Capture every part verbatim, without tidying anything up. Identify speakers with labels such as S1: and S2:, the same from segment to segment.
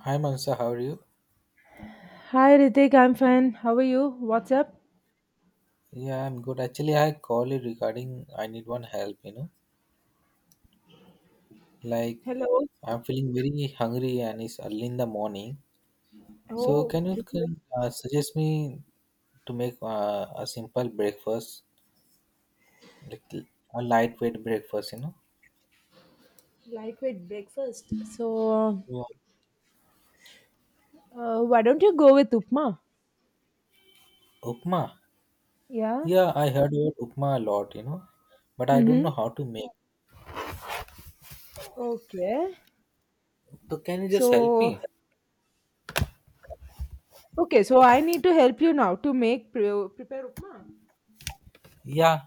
S1: Hi Mansa, how are you?
S2: Hi Ritik, I'm fine. How are you? What's up?
S1: Yeah, I'm good. Actually, I called it regarding I need one help, you know. Like
S2: Hello.
S1: I'm feeling very hungry and it's early in the morning. So
S2: Oh,
S1: can you
S2: can
S1: can, uh, suggest me to make uh, a simple breakfast, like a lightweight breakfast, you know?
S2: you like with breakfast? So,
S1: Yeah.
S2: uh, why don't you go with upma?
S1: Upma.
S2: Yeah.
S1: Yeah, I heard about upma a lot, you know, but I don't
S2: Mm-hmm.
S1: know how to make.
S2: Okay.
S1: So can you just help
S2: So,
S1: me?
S2: okay, so I need to help you now to make pre- prepare upma.
S1: Yeah,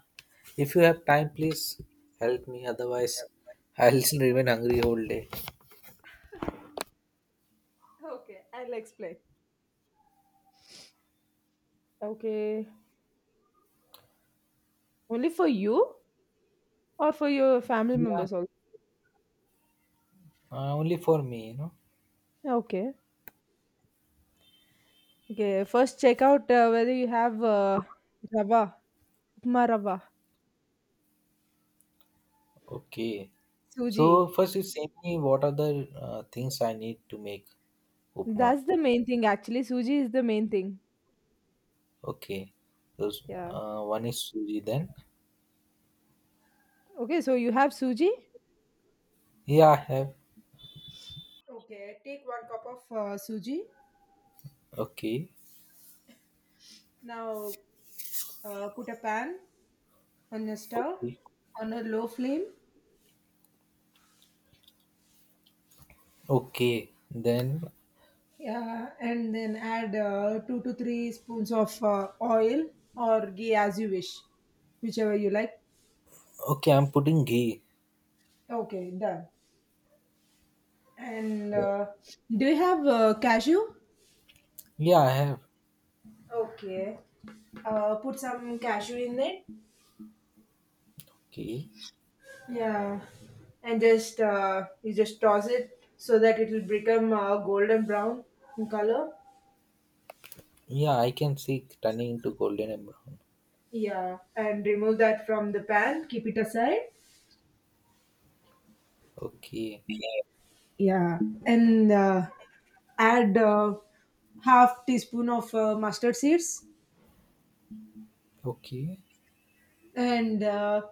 S1: if you have time, please help me. Otherwise, I'll remain hungry whole day.
S2: Okay, I'll explain. Okay. Only for you or for your family
S1: Yeah,
S2: members also?
S1: uh, only for me, you know.
S2: Okay. Okay, first check out uh, whether you have uh, rava, upma rava,
S1: Okay. So
S2: suji.
S1: first, you say me what are the uh, things I need to make upma.
S2: That's the main thing actually. Suji is the main thing.
S1: Okay. Those
S2: Yeah.
S1: uh, one is suji. Then
S2: Okay, so you have suji?
S1: yeah, I have.
S2: Okay, take one cup of uh, suji.
S1: Okay.
S2: Now uh, put a pan on a stove
S1: Okay.
S2: on a low flame,
S1: Okay. Then
S2: yeah, and then add uh, two to three spoons of uh, oil or ghee as you wish, whichever you like.
S1: okay, I'm putting ghee.
S2: Okay, done. And uh, do you have uh, cashew?
S1: Yeah, I have.
S2: Okay, uh, put some cashew in it.
S1: Okay.
S2: Yeah, and just uh, you just toss it so that it will become uh, golden brown in color.
S1: Yeah, I can see it turning into golden and brown.
S2: Yeah, and remove that from the pan. Keep it aside.
S1: Okay.
S2: Yeah, and uh, add uh, half teaspoon of uh, mustard seeds
S1: Okay.
S2: and uh,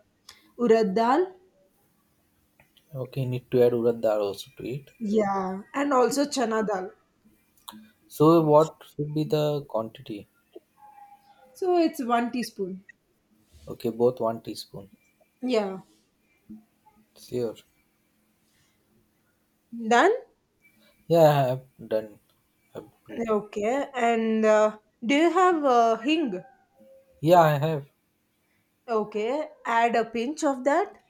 S2: urad dal.
S1: Okay, need to add urad dal also to it.
S2: Yeah, and also chana dal.
S1: So what should be the quantity?
S2: So it's one teaspoon.
S1: Okay, both one teaspoon.
S2: Yeah,
S1: Sure.
S2: done.
S1: Yeah, I have done. I've read.
S2: Okay, and uh, do you have uh, hing?
S1: Yeah, I have.
S2: Okay, add a pinch of that.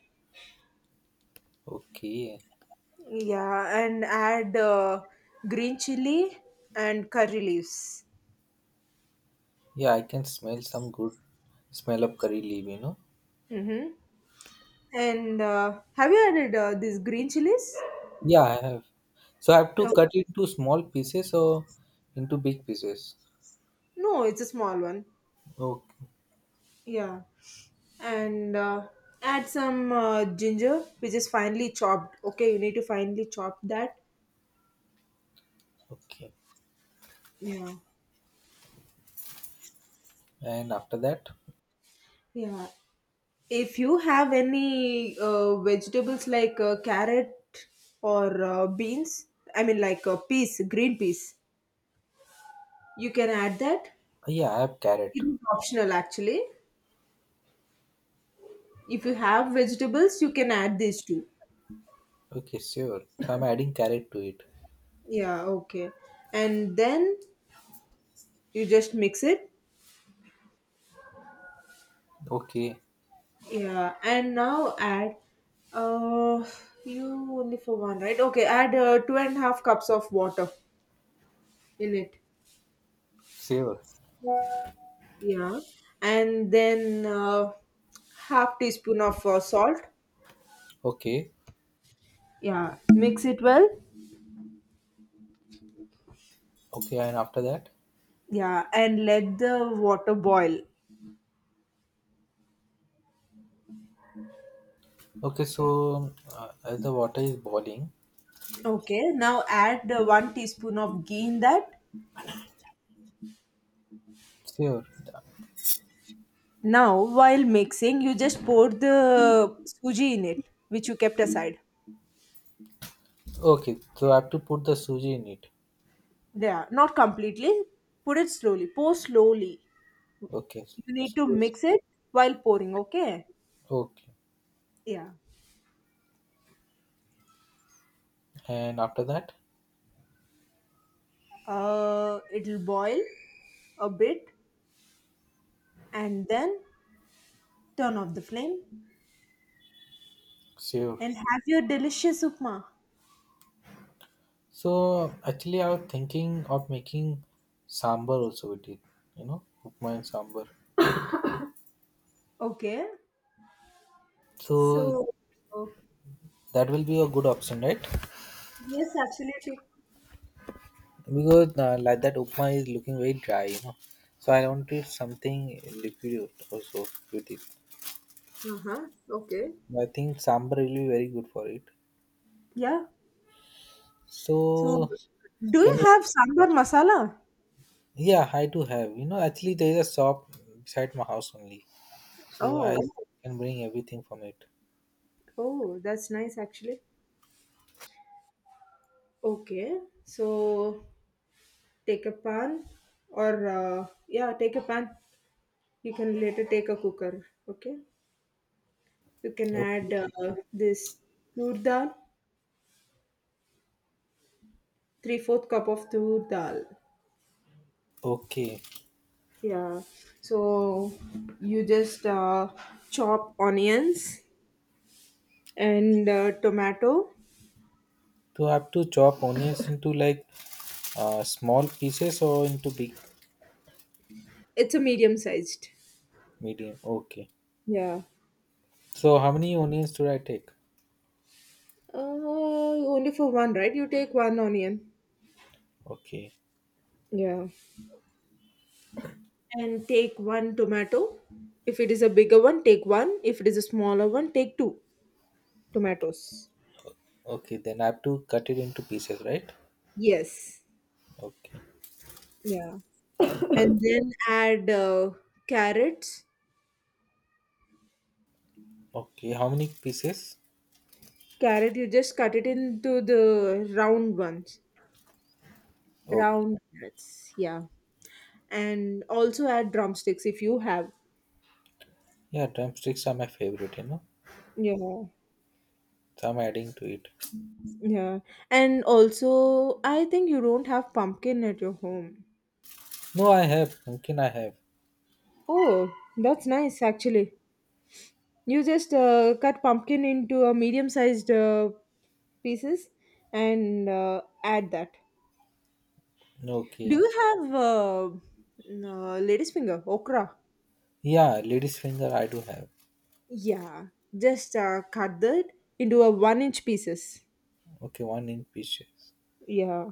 S1: Okay.
S2: Yeah, and add uh, green chili and curry leaves.
S1: Yeah, I can smell some good smell of curry leaf, you know.
S2: Mm-hmm. And uh, have you added uh, these green chilies?
S1: Yeah, I have. So I have to
S2: Oh,
S1: cut it into small pieces or into big pieces.
S2: no, it's a small one.
S1: Okay.
S2: Yeah, and uh, add some uh, ginger, which is finely chopped. Okay, you need to finely chop that.
S1: Okay.
S2: Yeah,
S1: And after that,
S2: yeah, if you have any uh, vegetables like uh, carrot or uh, beans, I mean like uh, peas, green peas, you can add that.
S1: yeah, I have carrot.
S2: It is optional actually. If you have vegetables, you can add these two.
S1: Okay, sure. So I'm adding carrot to it.
S2: Yeah, okay. And then you just mix it.
S1: Okay,
S2: Yeah, and now add. Uh, you only for one, right? Okay, add uh, two and a half cups of water in it.
S1: sure.
S2: Yeah, and then uh, half teaspoon of uh, salt.
S1: Okay.
S2: Yeah, mix it well.
S1: Okay, and after that,
S2: Yeah, and let the water boil.
S1: okay, so uh, as the water is boiling,
S2: Okay, now add uh, one teaspoon of ghee in that.
S1: sure.
S2: Now while mixing you just pour the suji in it, which you kept aside.
S1: Okay, so I have to put the suji in it.
S2: Yeah, not completely, put it slowly, pour slowly,
S1: Okay,
S2: you need
S1: so-
S2: to mix it while pouring, okay?
S1: okay,
S2: Yeah,
S1: and after that,
S2: uh it'll boil a bit and then turn off the flame,
S1: sure.
S2: and have your delicious upma.
S1: So actually, I was thinking of making sambar also with it. You know, upma and sambar.
S2: Okay.
S1: So
S2: So, oh,
S1: that will be a good option, right?
S2: yes, absolutely.
S1: Because uh, like that upma is looking very dry, you know. So I wanted something liquid also with it.
S2: Uh huh. Okay.
S1: I think sambar will be very good for it.
S2: Yeah. So,
S1: So,
S2: do you
S1: can you?
S2: have sambar masala?
S1: Yeah, I do have. You know, actually, there is a shop beside my house only, so I
S2: Oh,
S1: can bring everything from it.
S2: oh, that's nice actually. Okay. So, take a pan or, uh, yeah, take a pan. You can later take a cooker. Okay. You can add
S1: Okay.
S2: uh, this tur dal, three fourth cup of tur dal.
S1: Okay.
S2: Yeah. So you just uh, chop onions and uh, tomato.
S1: To have to chop onions into like uh, small pieces or into big,
S2: It's a medium sized.
S1: medium. Okay.
S2: Yeah.
S1: So, how many onions do I take?
S2: Uh, only for one, right? You take one onion.
S1: Okay.
S2: Yeah. And take one tomato. If it is a bigger one, take one. If it is a smaller one, take two tomatoes.
S1: Okay, then I have to cut it into pieces, right?
S2: Yes.
S1: Okay.
S2: Yeah. And then add uh, carrots.
S1: Okay. How many pieces?
S2: Carrot, you just cut it into the round ones.
S1: Oh,
S2: Round carrots, yeah, and also add drumsticks if you have.
S1: yeah, drumsticks are my favorite. You know,
S2: Yeah,
S1: so I'm adding to it.
S2: yeah, and also I think you don't have pumpkin at your home.
S1: No, I have. Pumpkin, I have.
S2: Oh, that's nice actually. You just uh, cut pumpkin into a medium sized uh, pieces and uh, add that. Do
S1: Okay.
S2: you have uh, n- uh, lady's finger okra?
S1: Yeah, lady's finger I do have.
S2: Yeah, just uh, cut that into a one inch pieces.
S1: Okay, one inch pieces.
S2: Yeah,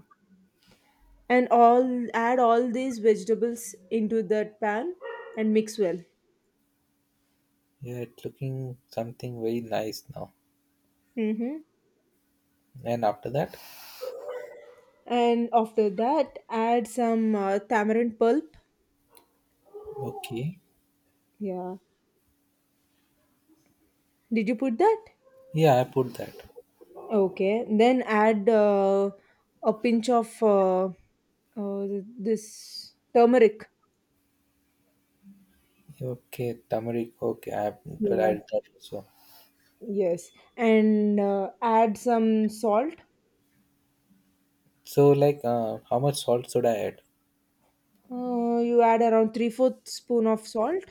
S2: and all add all these vegetables into that pan and mix well.
S1: Yeah, it's looking something very nice now.
S2: Hmm.
S1: And after that,
S2: And after that add some uh, tamarind pulp.
S1: okay.
S2: Yeah, did you put that?
S1: Yeah, I put that.
S2: Okay, then add uh, a pinch of uh, uh, this turmeric.
S1: Okay, turmeric. Okay, I have but I
S2: Yeah.
S1: did that also.
S2: Yes, and uh, add some salt.
S1: So like, uh, how much salt should I add?
S2: uh, you add around three fourth spoon of salt.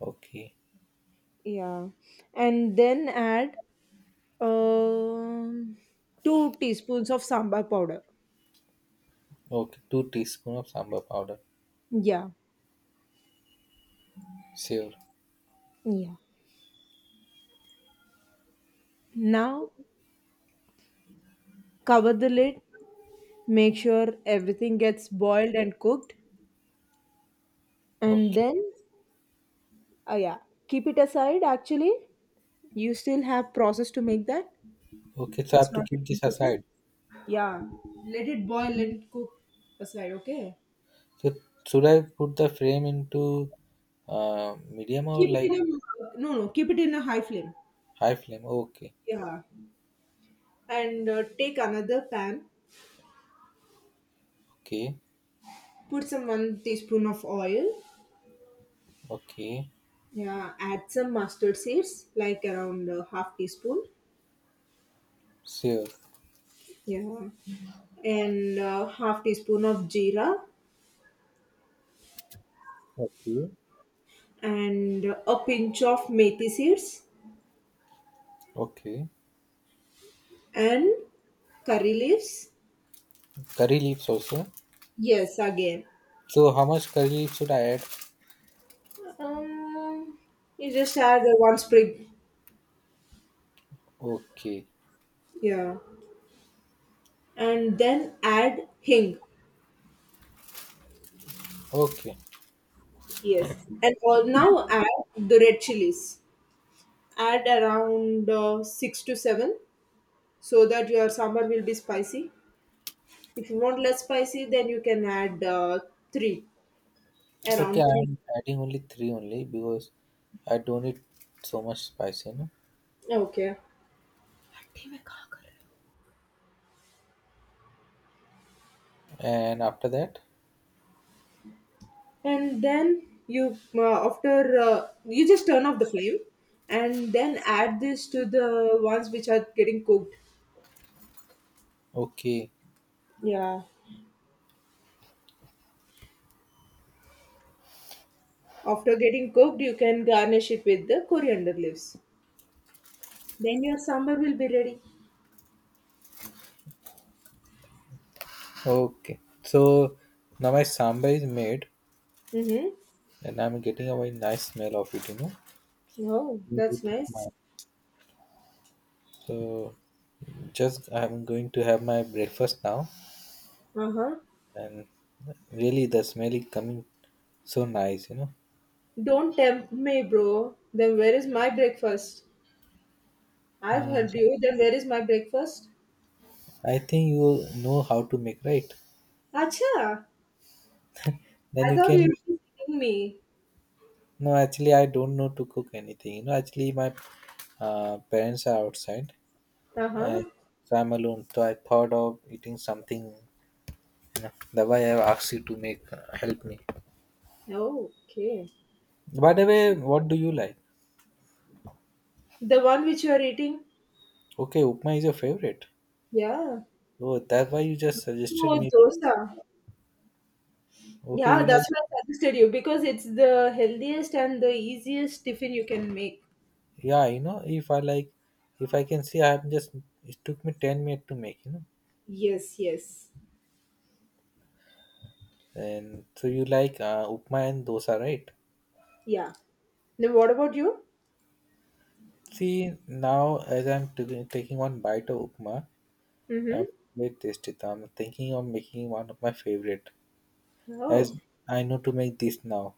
S1: Okay,
S2: Yeah, and then add Um, two teaspoons of sambar powder.
S1: okay, two teaspoon of sambar powder.
S2: Yeah.
S1: Sure.
S2: Yeah. Now cover the lid, make sure everything gets boiled and cooked, and
S1: Okay,
S2: then oh yeah, keep it aside actually. You still have process to make that.
S1: okay. So I have
S2: It's
S1: to
S2: not yet
S1: keep this
S2: completed.
S1: aside.
S2: Yeah. Let it boil, let it cook aside, okay?
S1: So should I put the frame into uh, medium or
S2: Keep
S1: like
S2: it in a no no, keep it in a high flame.
S1: high flame? Okay,
S2: Yeah. And uh, take another pan,
S1: okay,
S2: put some one teaspoon of oil.
S1: okay.
S2: Yeah, add some mustard seeds, like around uh, half teaspoon.
S1: Sure.
S2: Yeah, and uh, half teaspoon of jeera,
S1: Okay.
S2: and a pinch of methi seeds
S1: Okay.
S2: and curry leaves.
S1: Curry leaves also.
S2: Yes, again.
S1: So how much curry leaves should I add?
S2: Um, you just add the one sprig.
S1: Okay.
S2: Yeah, and then add hing.
S1: Okay.
S2: Yes, and all now add the red chilies. Add around uh, six to seven, so that your sambar will be spicy. If you want less spicy, then you can add uh, three,
S1: Okay,
S2: around three.
S1: I'm adding only three only because I don't need so much spicy, no?
S2: Okay.
S1: And after that?
S2: And then you, uh, after, uh, you just turn off the flame and then add this to the ones which are getting cooked.
S1: Okay.
S2: Yeah. After getting cooked, you can garnish it with the coriander leaves. Then your sambar will be ready.
S1: Okay. So now my sambar is made
S2: Mm-hmm.
S1: and I'm getting a very nice smell of it, you know.
S2: Oh, that's
S1: With
S2: nice.
S1: my so just I'm going to have my breakfast now
S2: Uh-huh.
S1: and really the smell is coming so nice, you know.
S2: Don't tempt me, bro. Then where is my breakfast? I've
S1: Um,
S2: helped you. Then where is my breakfast?
S1: I think you know how to make, right?
S2: Acha.
S1: Then
S2: I
S1: you
S2: thought
S1: can.
S2: you were eating me.
S1: No, actually, I don't know to cook anything. You know, actually, my uh, parents are outside,
S2: Uh
S1: and
S2: huh.
S1: so I'm alone. So I thought of eating something. You know, that's why I asked you to make uh, help me.
S2: Oh, okay.
S1: By the
S2: So,
S1: way, what do you like?
S2: the one which you are eating?
S1: Okay, upma is your favorite.
S2: Yeah.
S1: Oh, that's why you just suggested
S2: Oh,
S1: me to eat.
S2: dosa.
S1: Okay,
S2: Yeah,
S1: you
S2: that's
S1: like.
S2: why I suggested you because it's the healthiest and the easiest tiffin you can make.
S1: Yeah, you know, if I like, if I can see, I have just. It took me ten minutes to make. You know.
S2: Yes, yes.
S1: And so you like uh, upma and dosa, right?
S2: Yeah. Then what about you?
S1: See, now as I'm t- taking one bite of upma, I'm
S2: Mm-hmm.
S1: very tasty. I'm thinking of making one of my favorite,
S2: Oh,
S1: as I know to make this now.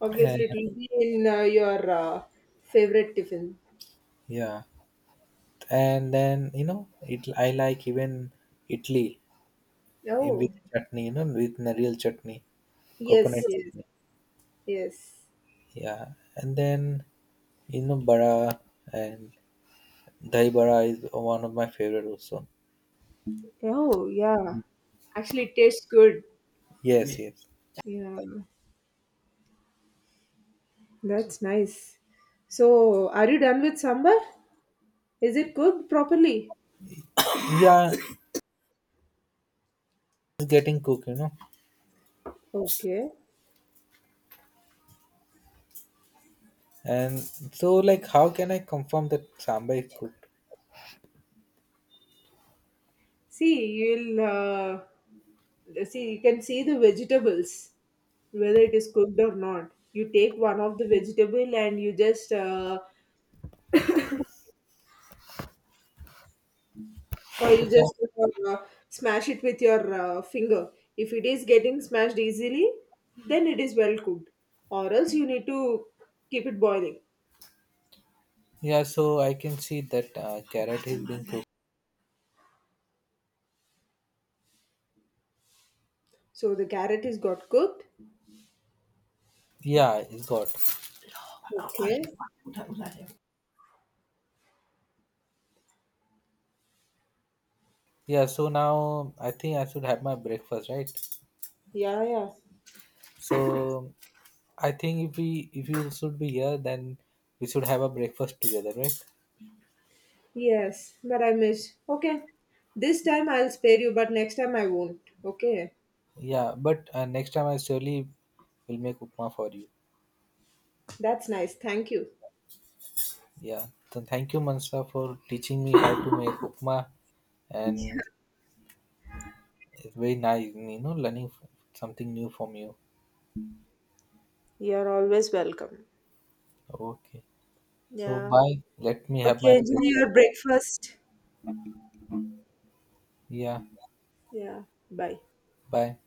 S2: obviously
S1: And
S2: it will be in uh, your uh, favorite tiffin.
S1: yeah, and then you know, it I like even Italy in with
S2: Oh,
S1: chutney, you know, with the chutney, coconut
S2: yes, yes,
S1: chutney.
S2: yes.
S1: Yeah, and then you know, bara and dahi bara is one of my favorite also.
S2: Oh, yeah. Actually, it tastes good.
S1: Yes, yes.
S2: Yeah. That's nice. So, are you done with sambar? Is it cooked properly?
S1: Yeah, it's getting cooked, you know.
S2: Okay.
S1: And so, like, how can I confirm that sambar is cooked?
S2: See, you'll uh, see. You can see the vegetables, whether it is cooked or not. You take one of the vegetable and you just, uh, or you
S1: Okay, so,
S2: just uh, smash it with your uh, finger. If it is getting smashed easily, then it is well cooked. Or else you need to keep it boiling.
S1: yeah, so I can see that uh, carrot is being cooked.
S2: So the carrot is got cooked.
S1: Yeah, it's got.
S2: Okay.
S1: Yeah, so now I think I should have my breakfast, right?
S2: Yeah, yeah.
S1: So I think if we if you should be here, then we should have a breakfast together, right?
S2: Yes, but I miss. Okay. This time I'll spare you, but next time I won't. Okay.
S1: Yeah, but uh, next time I surely will make upma for you.
S2: That's nice. Thank you.
S1: Yeah, so thank you, Mansa, for teaching me how to make upma and it's very nice, you know, learning f- something new from you.
S2: You're always welcome.
S1: Okay. So,
S2: Yeah.
S1: bye. Let me have my
S2: Okay, enjoy
S1: breakfast.
S2: your breakfast.
S1: Yeah.
S2: Yeah. Bye.
S1: Bye.